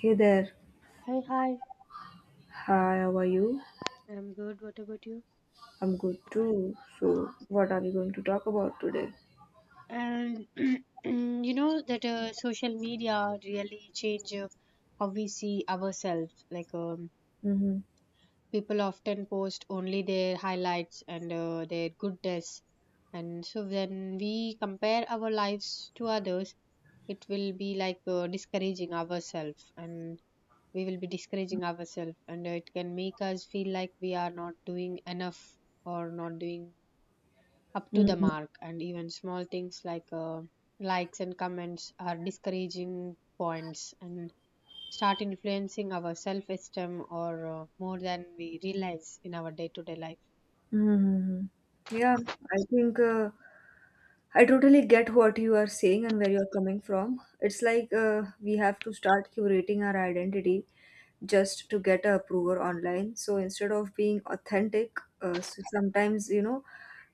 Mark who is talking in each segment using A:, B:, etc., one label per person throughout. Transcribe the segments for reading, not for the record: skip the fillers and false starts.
A: Hey there,
B: Hi, hi.
A: hi. How are you?
B: I'm good. What about you?
A: I'm good too. So, what are we going to talk about today?
B: And you know that social media really change how we see ourselves.
A: Mm-hmm.
B: People often post only their highlights and their goodness, and so when we compare our lives to others, it will be like discouraging ourselves, and we will be discouraging ourselves, and it can make us feel like we are not doing enough or not doing up to the
A: Mm-hmm.
B: mark. And even small things like likes and comments are discouraging points and start influencing our self-esteem or more than we realize in our day-to-day life.
A: Hmm. Yeah, I think I totally get what you are saying and where you're coming from. It's like we have to start curating our identity just to get a approval online. So instead of being authentic, so sometimes,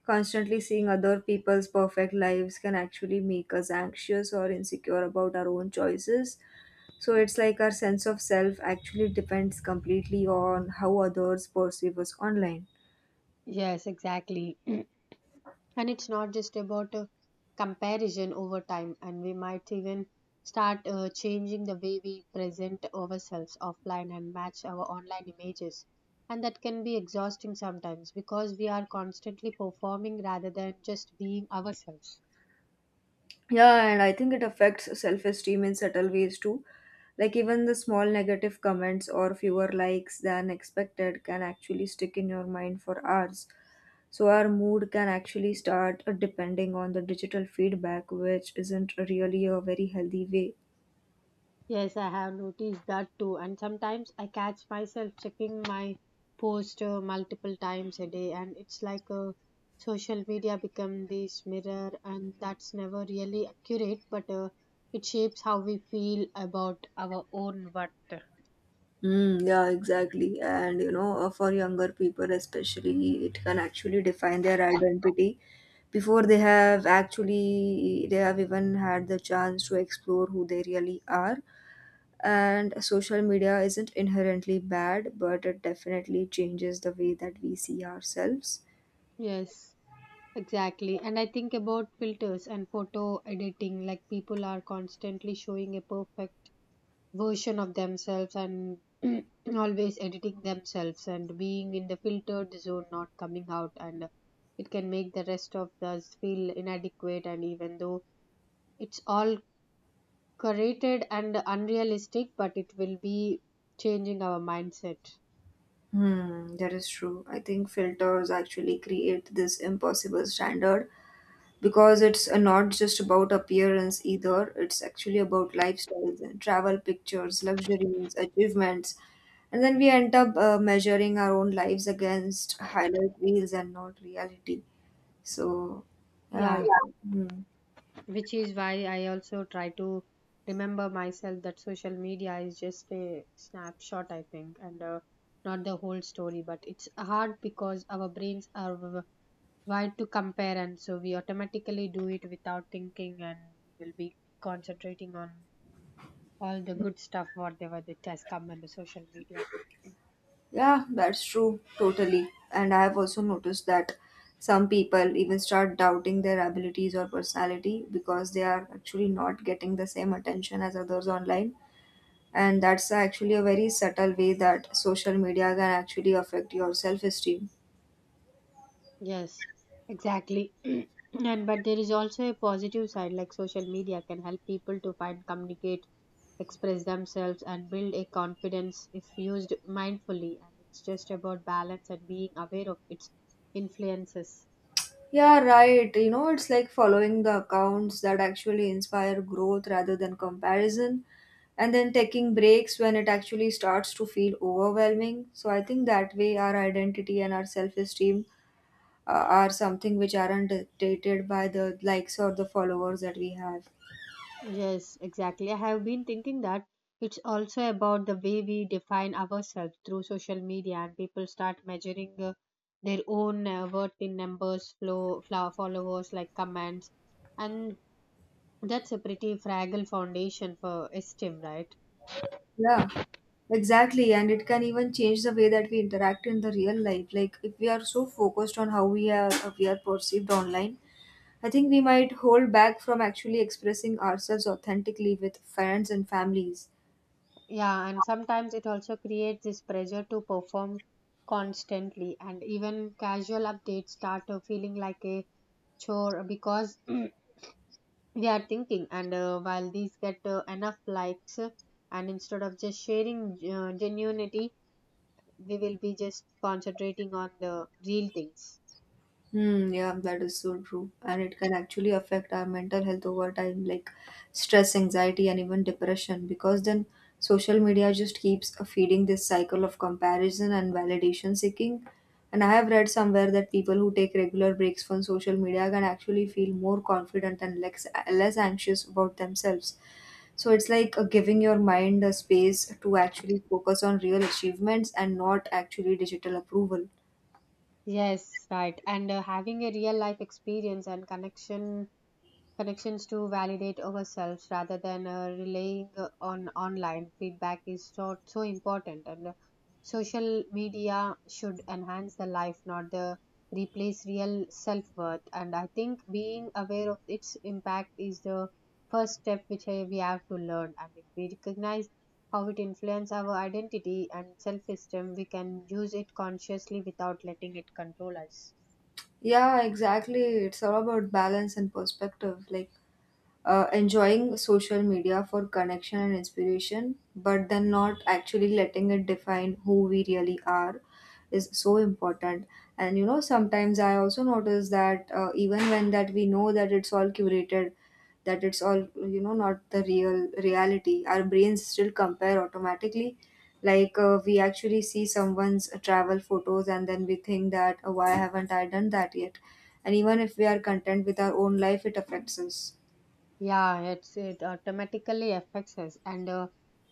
A: constantly seeing other people's perfect lives can actually make us anxious or insecure about our own choices. So it's like our sense of self actually depends completely on how others perceive us online.
B: Yes, exactly. And it's not just about a comparison over time, and we might even start changing the way we present ourselves offline and match our online images, and that can be exhausting sometimes because we are constantly performing rather than just being ourselves.
A: Yeah, and I think it affects self esteem in subtle ways too. Like, even the small negative comments or fewer likes than expected can actually stick in your mind for hours. So, our mood can actually start depending on the digital feedback, which isn't really a very healthy way.
B: Yes, I have noticed that too. And sometimes I catch myself checking my post multiple times a day, and it's like social media become this mirror, and that's never really accurate, but it shapes how we feel about our own worth.
A: Mm, yeah, exactly. And for younger people especially, it can actually define their identity before they have actually they have even had the chance to explore who they really are. And social media isn't inherently bad, but it definitely changes the way that we see ourselves.
B: Yes, exactly. And I think about filters and photo editing, like people are constantly showing a perfect version of themselves and always editing themselves and being in the filtered zone, not coming out, and it can make the rest of us feel inadequate, and even though it's all curated and unrealistic, but it will be changing our mindset.
A: Hmm, that is true. I think filters actually create this impossible standard because it's not just about appearance either, it's actually about lifestyles and travel pictures, luxuries, achievements. And then we end up measuring our own lives against highlight reels and not reality. So, yeah.
B: Yeah,
A: I- Hmm.
B: which is why I also try to remember myself that social media is just a snapshot, I think, and not the whole story, but it's hard because our brains are why to compare, and so we automatically do it without thinking, and we will be concentrating on all the good stuff whatever that has come on the social media.
A: Yeah, that's true, totally. And I have also noticed that some people even start doubting their abilities or personality because they are actually not getting the same attention as others online. And that's actually a very subtle way that social media can actually affect your self esteem.
B: Yes, exactly. And but there is also a positive side, like social media can help people to find, communicate, express themselves and build a confidence if used mindfully, and it's just about balance and being aware of its influences.
A: Yeah, right. You know, it's like following the accounts that actually inspire growth rather than comparison, and then taking breaks when it actually starts to feel overwhelming. So, I think that way our identity and our self esteem are something which aren't dictated by the likes or the followers that we have.
B: Yes, exactly. I have been thinking that it's also about the way we define ourselves through social media, and people start measuring their own worth in numbers, followers, like comments, and that's a pretty fragile foundation for esteem, right?
A: Yeah. Exactly, and it can even change the way that we interact in the real life. Like if we are so focused on how we are perceived online, I think we might hold back from actually expressing ourselves authentically with friends and families.
B: Yeah, and sometimes it also creates this pressure to perform constantly, and even casual updates start feeling like a chore because they are thinking and while these get enough likes, and instead of just sharing genuinity, we will be just concentrating on the real things.
A: Hmm, yeah, that is so true. And it can actually affect our mental health over time, like stress, anxiety, and even depression, because then social media just keeps feeding this cycle of comparison and validation seeking. And I have read somewhere that people who take regular breaks from social media can actually feel more confident and less anxious about themselves. So it's like giving your mind a space to actually focus on real achievements and not actually digital approval.
B: Yes, right. And having a real life experience and connections to validate ourselves rather than relying on online feedback is so, so important. And social media should enhance the life, not the replace real self-worth. And I think being aware of its impact is the first step, which we have to learn, and if we recognize how it influences our identity and self-esteem, we can use it consciously without letting it control us.
A: Yeah, exactly. It's all about balance and perspective. Like, enjoying social media for connection and inspiration, but then not actually letting it define who we really are is so important. And you know, sometimes I also notice that even when that we know that it's all curated, that it's all not the real reality, our brains still compare automatically. Like we actually see someone's travel photos, and then we think that, oh, why haven't I done that yet? And even if we are content with our own life, it affects us.
B: Yeah, it's it automatically affects us. And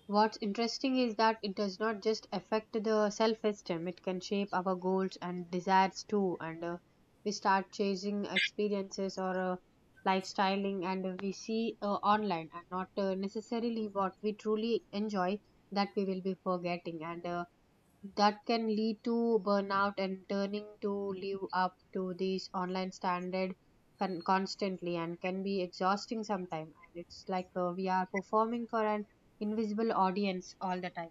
B: what's interesting is that it does not just affect the self-esteem; it can shape our goals and desires too. And we start chasing experiences or lifestyling, and we see online, and not necessarily what we truly enjoy, that we will be forgetting. And that can lead to burnout and turning to live up to these online standard constantly, and can be exhausting sometimes, and it's like we are performing for an invisible audience all the time.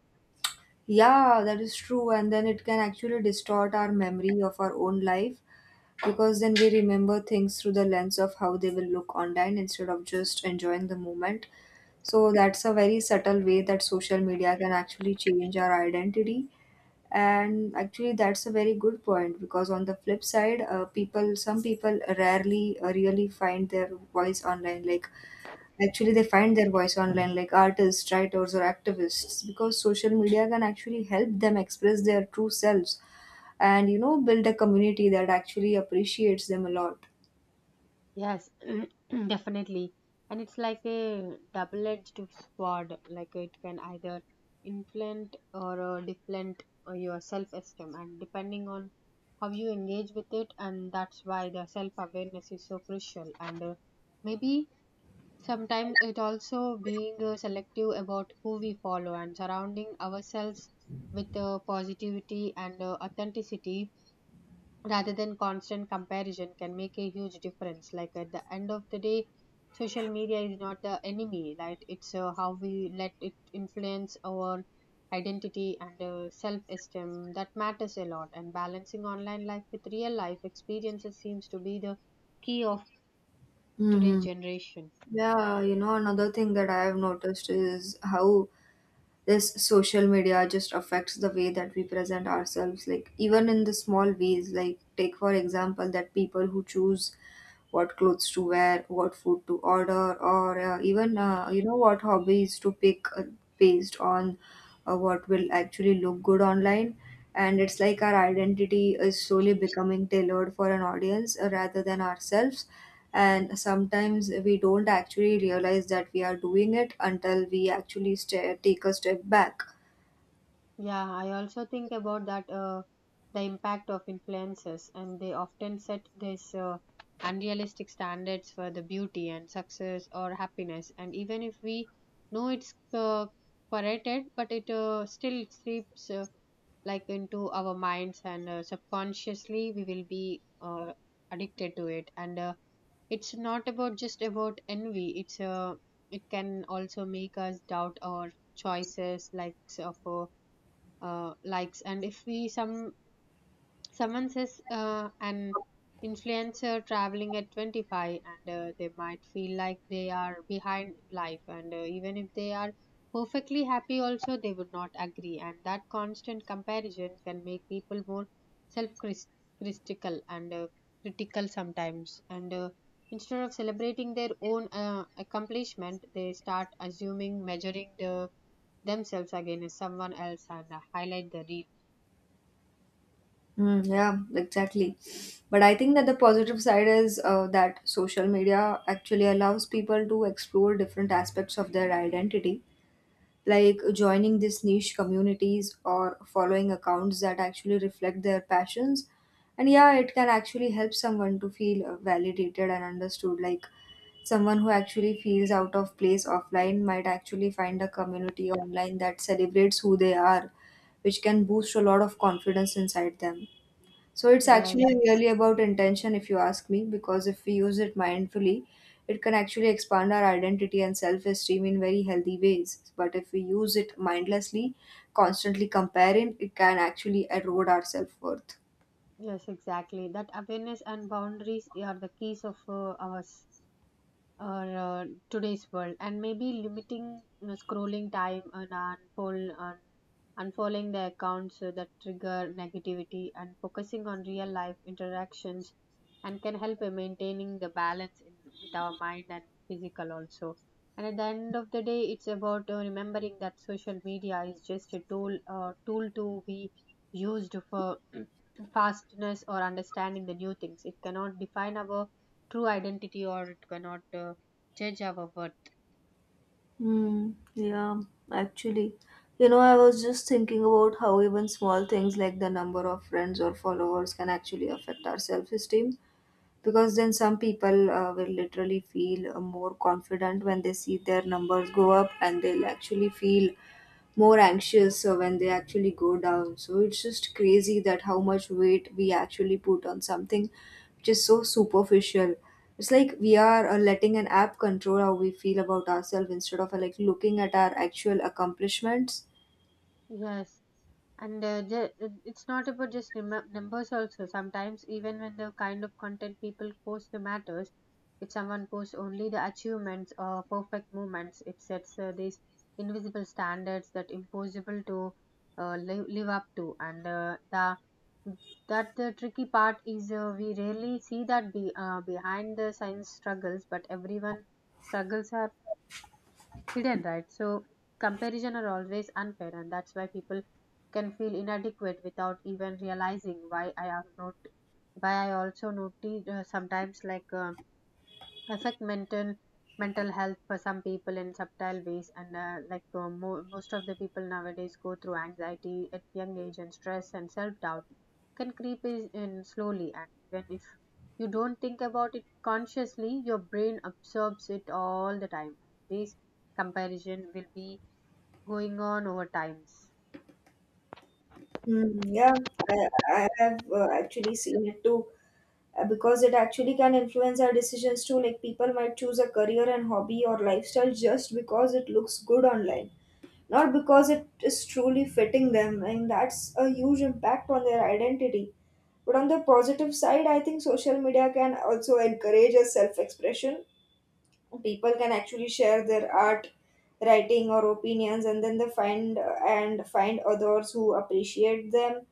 A: Yeah, that is true. And then it can actually distort our memory of our own life because then we remember things through the lens of how they will look online instead of just enjoying the moment. So that's a very subtle way that social media can actually change our identity. And actually, that's a very good point because on the flip side, some people rarely really find their voice online. Like actually they find their voice online like artists, writers, or activists because social media can actually help them express their true selves, and you know, build a community that actually appreciates them a lot.
B: Yes. Definitely. And it's like a double edged sword, like it can either inflate or deflate your self esteem, and depending on how you engage with it, and that's why the self awareness is so crucial. And maybe sometimes it also being selective about who we follow and surrounding ourselves with positivity and authenticity rather than constant comparison can make a huge difference. Like at the end of the day, social media is not the enemy, right? It's how we let it influence our identity and self esteem that matters a lot. And balancing online life with real life experiences seems to be the key of today's
A: Hmm.
B: generation.
A: Yeah, you know, another thing that I have noticed is how this social media just affects the way that we present ourselves, like even in the small ways. Like, take for example, that people who choose what clothes to wear, what food to order, or even you know, what hobbies to pick based on what will actually look good online. And it's like our identity is slowly becoming tailored for an audience rather than ourselves. And sometimes we don't actually realize that we are doing it until we actually sta take a step back.
B: Yeah, I also think about that the impact of influences, and they often set these unrealistic standards for the beauty and success or happiness. And even if we know it's corrected, but it still seeps, like, into our minds, and subconsciously we will be addicted to it. And it's not about just about envy. It's it can also make us doubt our choices, like of. Likes, and if we some someone says an influencer traveling at 25, and they might feel like they are behind in life, and even if they are perfectly happy also, they would not agree, and that constant comparison can make people more self critical, and critical sometimes, and instead of celebrating their own accomplishment, they start assuming measuring the themselves against someone else and highlight the real.
A: Mm, yeah, exactly. But I think that the positive side is that social media actually allows people to explore different aspects of their identity, like joining these niche communities or following accounts that actually reflect their passions. And yeah, it can actually help someone to feel validated and understood. Like someone who actually feels out of place offline might actually find a community online that celebrates who they are, which can boost a lot of confidence inside them. So it's actually,
B: Yes,
A: yeah, really about intention, if you ask me, because if we use it mindfully, it can actually expand our identity and self esteem in very healthy ways. But if we use it mindlessly, constantly comparing, it can actually erode our self worth.
B: yes, exactly. That awareness and boundaries are the keys of ours. Or today's world. And maybe limiting, you know, scrolling time, and unfold and unfollowing the accounts that trigger negativity, and focusing on real life interactions and can help in maintaining the balance in with our mind and physical also. And at the end of the day, it's about remembering that social media is just a tool to be used for fastness or understanding the new things. It cannot define our true identity, or it cannot judge our worth.
A: Yeah, actually, you know, I was just thinking about how even small things like the number of friends or followers can actually affect our self esteem, because then some people will literally feel more confident when they see their numbers go up, and they'll actually feel more anxious when they actually go down. So it's just crazy that how much weight we actually put on something which is so superficial. It's like we are letting an app control how we feel about ourselves instead of like looking at our actual accomplishments.
B: Yes, and it's not about just numbers also. Sometimes even when the kind of content people post the matters, if someone posts only the achievements or perfect moments, it sets these invisible standards that impossible to live up to. And the that the tricky part is we rarely see that behind the science struggles, but everyone struggles are hidden, right? So comparison are always unfair, and that's why people can feel inadequate without even realizing why I am not. Why I also noticed sometimes like affect mental health for some people in subtle ways. And most of the people nowadays go through anxiety at young age and stress, and self-doubt can in slowly, and even if you don't think about it consciously, your brain absorbs it all the time. This comparison will be going on over times.
A: Hmm, yeah, I, I have actually seen it too. Because it actually can influence our decisions too, like people might choose a career and hobby or lifestyle just because it looks good online, not because it is truly fitting them, and that's a huge impact on their identity. But on the positive side, I think social media can also encourage a self expression. People can actually share their art, writing, or opinions, and then they find others who appreciate them.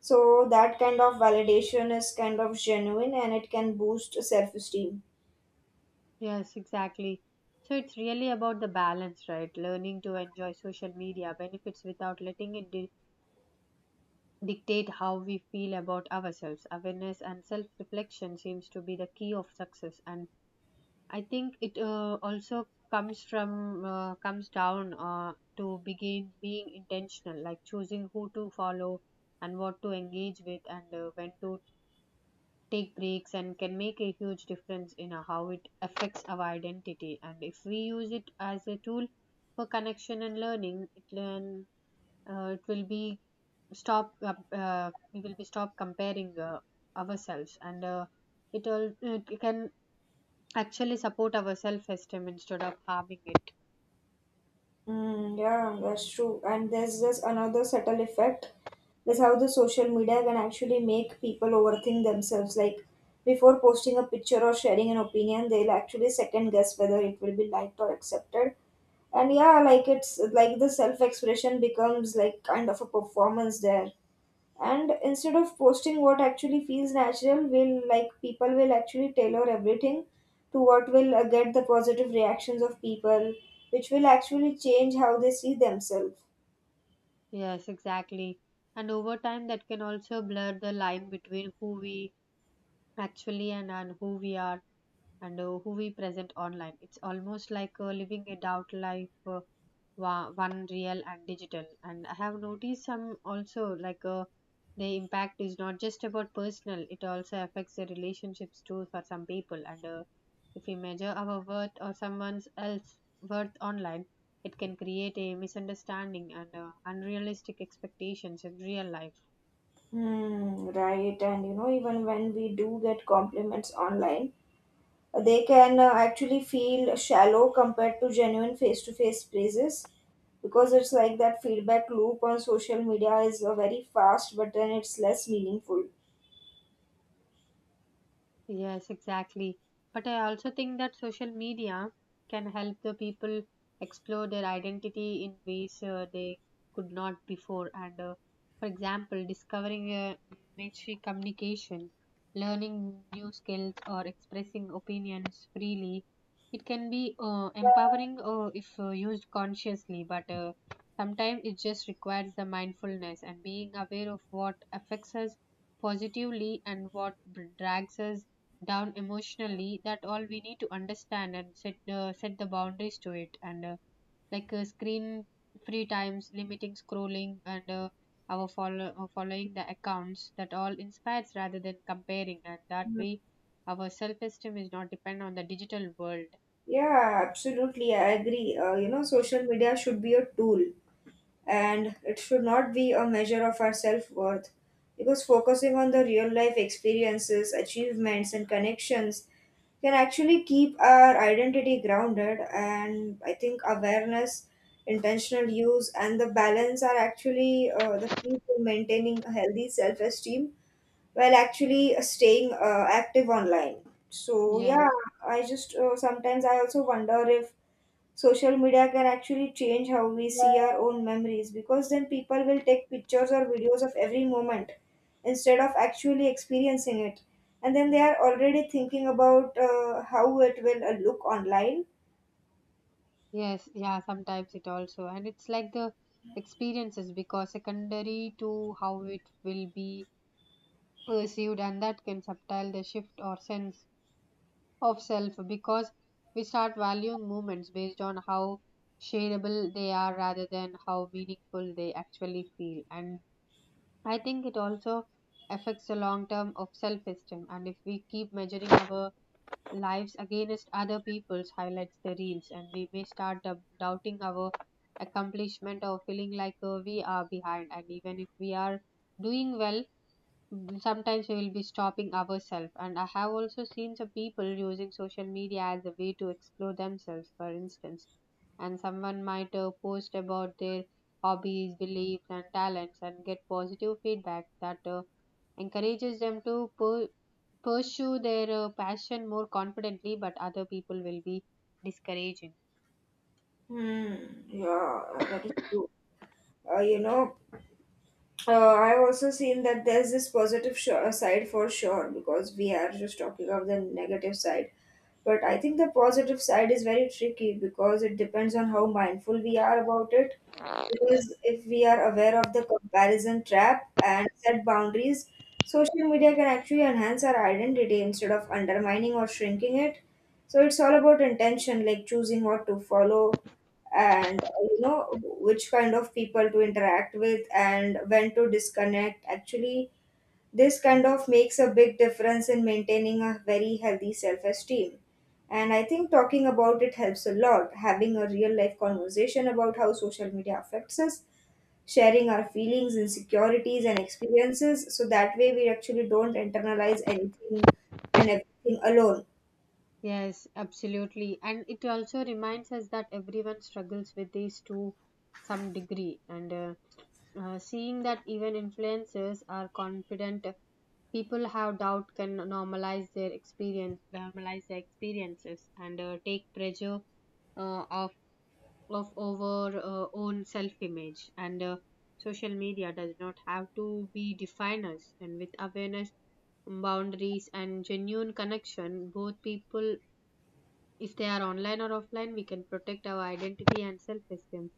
A: So that kind of validation is kind of genuine, and it can boost self-esteem.
B: Yes, exactly. So it's really about the balance, right? Learning to enjoy social media benefits without letting it dictate how we feel about ourselves. Awareness and self reflection seems to be the key of success. And I think it also comes from comes down to begin being intentional, like choosing who to follow and what to engage with, and when to take breaks, and can make a huge difference in how it affects our identity. And if we use it as a tool for connection and learning, it will be stop we will be stop comparing ourselves, and it all it can actually support our self esteem instead of harming it.
A: Mm, yeah, that's true. And there's just another subtle effect, that's how the social media can actually make people overthink themselves. Like before posting a picture or sharing an opinion, they'll actually second guess whether it will be liked or accepted. And yeah, like it's like the self expression becomes like kind of a performance there. And instead of posting what actually feels natural, will, like, people will actually tailor everything to what will get the positive reactions of people, which will actually change how they see themselves.
B: Yes, exactly. And over time, that can also blur the line between who we actually and who we are and who we present online. It's almost like living a doubt life, one real and digital. And I have noticed some also, like, the impact is not just about personal; it also affects the relationships too for some people. And if we measure our worth or someone else's worth online, it can create a misunderstanding and unrealistic expectations in real life.
A: Hmm, right. And you know, even when we do get compliments online, they can actually feel shallow compared to genuine face to face praises, because it's like that feedback loop on social media is very fast, but then it's less meaningful.
B: Yes, exactly. But I also think that social media can help the people explore their identity in ways they could not before. And for example, discovering a niche communication, learning new skills, or expressing opinions freely. It can be empowering if used consciously, but sometimes it just requires the mindfulness and being aware of what affects us positively and what drags us down emotionally. That all we need to understand and set set the boundaries to it, and like screen free times, limiting scrolling, and following the accounts that all inspires rather than comparing, and that way our self-esteem is not depend on the digital world.
A: Yeah, absolutely. I agree. You know, social media should be a tool, and it should not be a measure of our self worth, because focusing on the real life experiences, achievements, and connections can actually keep our identity grounded. And I think awareness, intentional use, and the balance are actually the key to maintaining a healthy self esteem while actually staying active online. So, yeah,
B: yes
A: I just sometimes I also wonder if social media can actually change how we see our own memories, because then people will take pictures or videos of every moment instead of actually experiencing it, and then they are already thinking about how it will look online.
B: yes, yeah, sometimes it also, and it's like the experiences because secondary to how it will be perceived, and that can subtile the shift or sense of self, because we start valuing moments based on how shareable they are rather than how meaningful they actually feel. And I think it also affects the long term of self esteem, and if we keep measuring our lives against other people's highlights, the reels, and we may start doubting our accomplishment or feeling like we are behind, and even if we are doing well. Mm, sometimes we will be stopping ourselves, and I have also seen some people using social media as a way to explore themselves, for instance. And someone might post about their hobbies, beliefs, and talents and get positive feedback that encourages them to pursue their passion more confidently, but other people will be discouraging.
A: Hmm. Yeah, that is true. You know, I've also seen that there's this positive side for sure, because we are just talking of the negative side. But I think the positive side is very tricky because it depends on how mindful we are about it. Because if we are aware of the comparison trap and set boundaries, social media can actually enhance our identity instead of undermining or shrinking it. So it's all about intention, like choosing what to follow, and you know, which kind of people to interact with, and when to disconnect. Actually, this kind of makes a big difference in maintaining a very healthy self esteem. And I think talking about it helps a lot. Having a real life conversation about how social media affects us, sharing our feelings, insecurities, and experiences, so that way we actually don't internalize anything and everything alone.
B: Yes, absolutely. And it also reminds us that everyone struggles with these to some degree. And seeing that even influencers are confident, people have doubt can normalize their experiences, and take pressure uh, of of over own self image. And social media does not have to be definers. And with awareness, boundaries, and genuine connection, both people, if they are online or offline, we can protect our identity and self esteem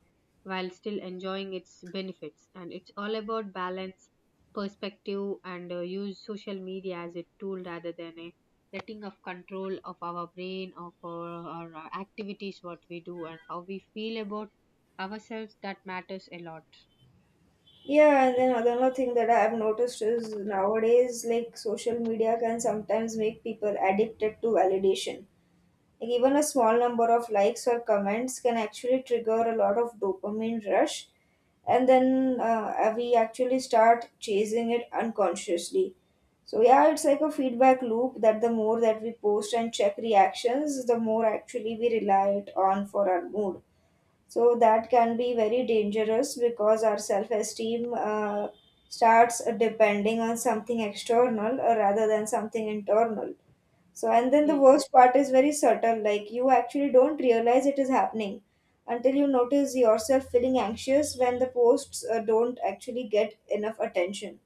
B: while still enjoying its benefits. And it's all about balance, perspective, and use social media as a tool rather than a letting of control of our brain, of our activities, what we do, and how we feel about ourselves. That matters a lot.
A: Yeah, and then another thing that I have noticed is nowadays, like, social media can sometimes make people addicted to validation. Like, even a small number of likes or comments can actually trigger a lot of dopamine rush, and then we actually start chasing it unconsciously. So yeah, it's like a feedback loop that the more that we post and check reactions, the more actually we rely it on for our mood. So that can be very dangerous because our self esteem starts depending on something external rather than something internal. So and then the worst part is very subtle, like, you actually don't realize it is happening until you notice yourself feeling anxious when the posts don't actually get enough attention.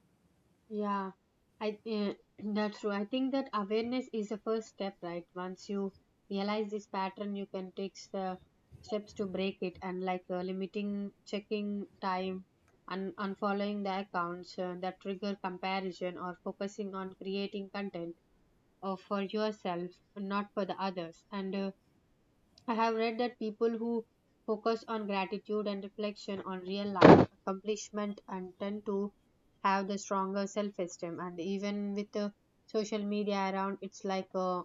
B: Yeah, I that's true. I think that awareness is the first step, right? Once you realize this pattern, you can take the steps to break it, and like limiting checking time, and unfollowing the accounts that trigger comparison, or focusing on creating content for yourself, not for the others. And I have read that people who focus on gratitude and reflection on real life accomplishment and tend to have the stronger self esteem, and even with the social media around, it's like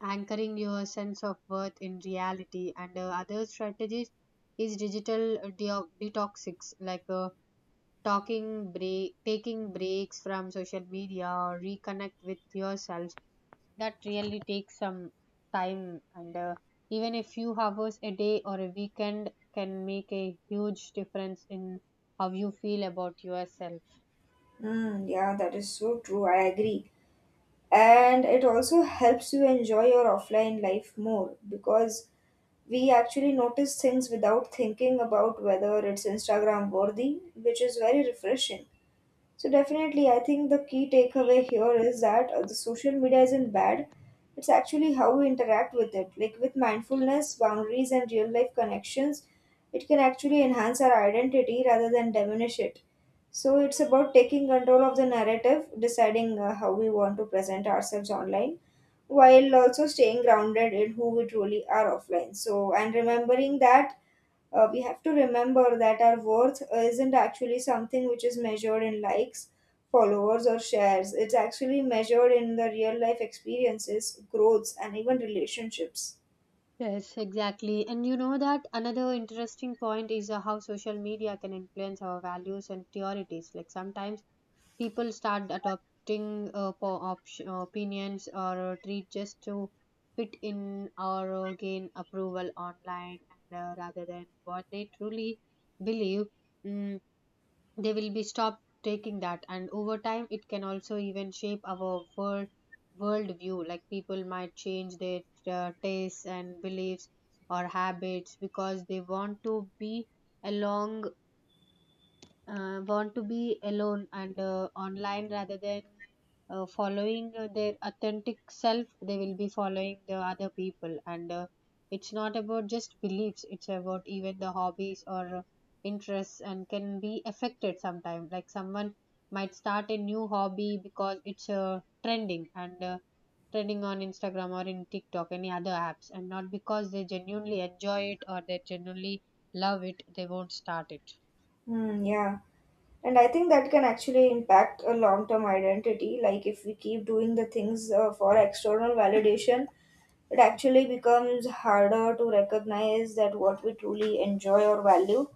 B: anchoring your sense of worth in reality. And other strategies is digital detoxics, like talking break taking breaks from social media or reconnect with yourself. That really takes some time, and even a few hours a day or a weekend can make a huge difference in how you feel about yourself.
A: Mm, yeah, that is so true, I agree. And it also helps you enjoy your offline life more because we actually notice things without thinking about whether it's Instagram worthy, which is very refreshing. So definitely, I think the key takeaway here is that the social media isn't bad. It's actually how we interact with it. Like, with mindfulness, boundaries, and real life connections, it can actually enhance our identity rather than diminish it. So it's about taking control of the narrative, deciding how we want to present ourselves online, while also staying grounded in who we truly are offline. So and remembering that we have to remember that our worth isn't actually something which is measured in likes, followers, or shares. It's actually measured in the real life experiences, growths, and even relationships.
B: Yes, exactly. And you know that another interesting point is how social media can influence our values and priorities, like sometimes people start adopting opinions or treat just to fit in or gain approval online, and rather than what they truly believe. Mm, they will be stopped taking that, and over time it can also even shape our world view, like people might change their tastes and beliefs or habits because they want to be along want to be alone and online rather than following their authentic self. They will be following the other people, and it's not about just beliefs, it's about even the hobbies or interests, and can be affected sometimes. Like someone might start a new hobby because it's trending, and trending on Instagram or in TikTok, any other apps, and not because they genuinely enjoy it or they genuinely love it, they won't start it.
A: Hmm, yeah. And I think that can actually impact a long term identity. Like, if we keep doing the things for external validation, it actually becomes harder to recognize that what we truly enjoy or value.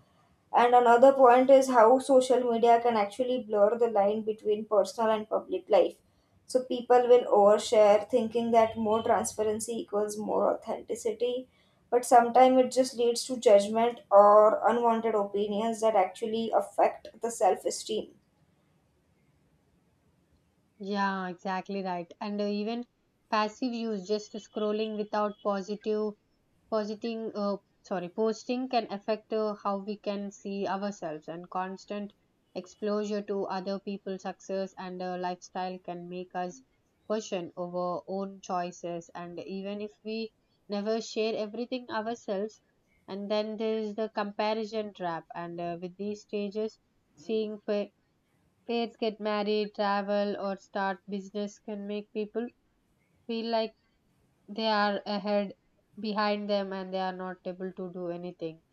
A: And another point is how social media can actually blur the line between personal and public life. So people will overshare, thinking that more transparency equals more authenticity. But sometimes it just leads to judgment or unwanted opinions that actually affect the self esteem.
B: Yeah, exactly, right. And even passive use, just scrolling without positing, uh, posting, can affect how we can see ourselves. And constant exposure to other people's success and lifestyle can make us question over own choices, And even if we never share everything ourselves. And then there is the comparison trap. And with these stages, seeing pa Pairs get married, travel, or start business can make people feel like they are ahead behind them, and they are not able to do anything,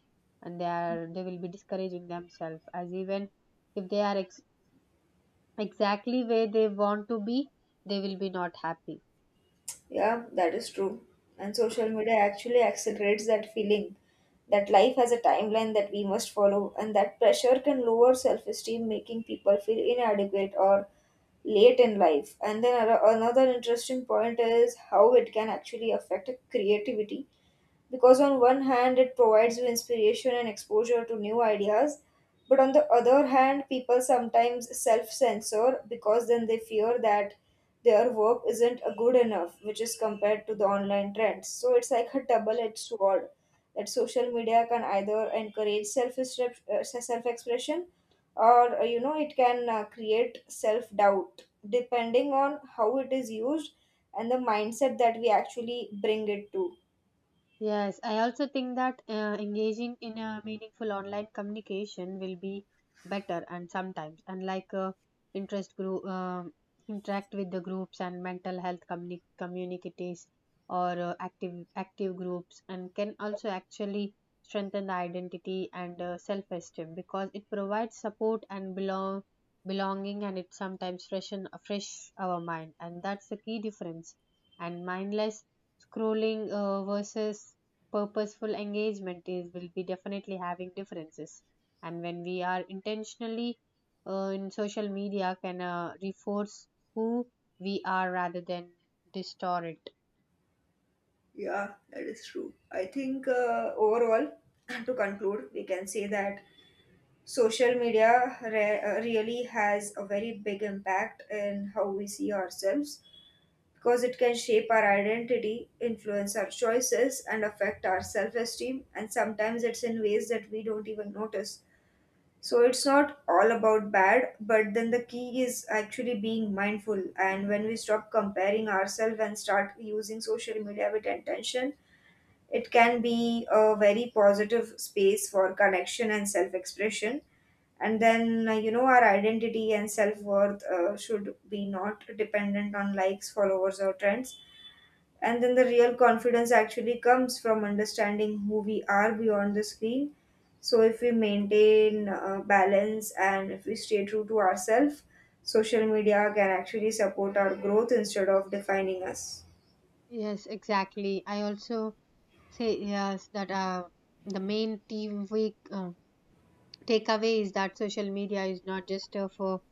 B: and they will be discouraging themselves. As even if they are exactly where they want to be, they will be not happy.
A: Yeah, that is true. And social media actually accelerates that feeling that life has a timeline that we must follow, and that pressure can lower self esteem, making people feel inadequate or late in life. And then another interesting point is how it can actually affect creativity, because on one hand it provides you inspiration and exposure to new ideas, but on the other hand people sometimes self-censor because then they fear that their work isn't good enough, which is compared to the online trends. So it's like a double-edged sword, that social media can either encourage self expression or you know, it can create self doubt, depending on how it is used and the mindset that we actually bring it to.
B: Yes, I also think that engaging in a meaningful online communication will be better. And sometimes, and like interest group, interact with the groups and mental health communities or active groups, and can also actually strengthen the identity and self-esteem, because it provides support and belonging, and it sometimes fresh our mind. And that's the key difference, and mindless scrolling versus purposeful engagement is will be definitely having differences. And when we are intentionally in social media, can reinforce who we are rather than distort it.
A: Yeah, that is true. I think overall, to conclude, we can say that social media really has a very big impact in how we see ourselves, because it can shape our identity, influence our choices, and affect our self esteem. And sometimes it's in ways that we don't even notice. So it's not all about bad, but then the key is actually being mindful. And when we stop comparing ourselves and start using social media with intention, it can be a very positive space for connection and self expression. And then, our identity and self worth should be not dependent on likes, followers, or trends. And then the real confidence actually comes from understanding who we are beyond the screen. So, if we maintain balance and if we stay true to ourselves, social media can actually support our growth instead of defining us.
B: Yes, exactly. I also say yes that the main team we uh, takeaway is that social media is not just for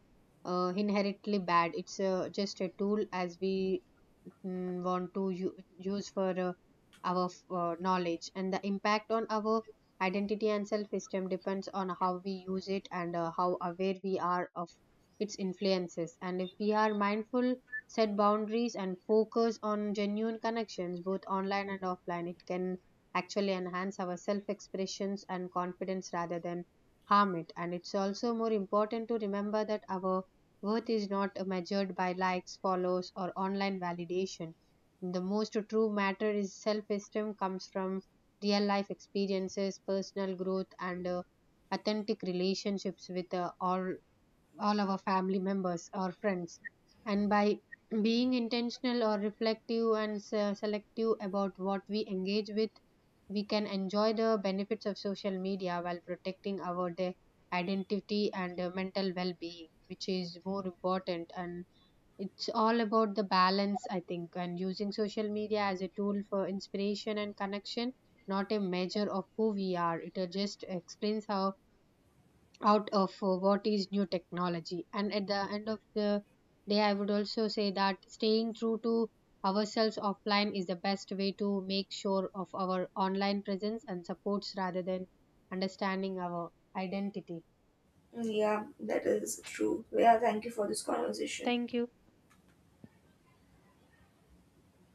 B: inherently bad. It's just a tool as we mm, want to use for knowledge, and the impact on our identity and self-esteem depends on how we use it and how aware we are of its influences. And if we are mindful, set boundaries, and focus on genuine connections, both online and offline, it can actually enhance our self-expressions and confidence rather than harm it. And it's also more important to remember that our worth is not measured by likes, follows, or online validation. The most true matter is self esteem comes from real life experiences, personal growth, and authentic relationships with all our family members or friends. And by being intentional or reflective and selective about what we engage with, we can enjoy the benefits of social media while protecting our identity and mental well-being, which is more important. And it's all about the balance, I think, and using social media as a tool for inspiration and connection, not a measure of who we are. It just explains how out of what is new technology. And at the end of the day, I would also say that staying true to ourselves offline is the best way to make sure of our online presence and supports rather than understanding our identity.
A: Mm, yeah,
B: Yeah.
A: that is true. Yeah, thank you for this conversation.
B: Thank you.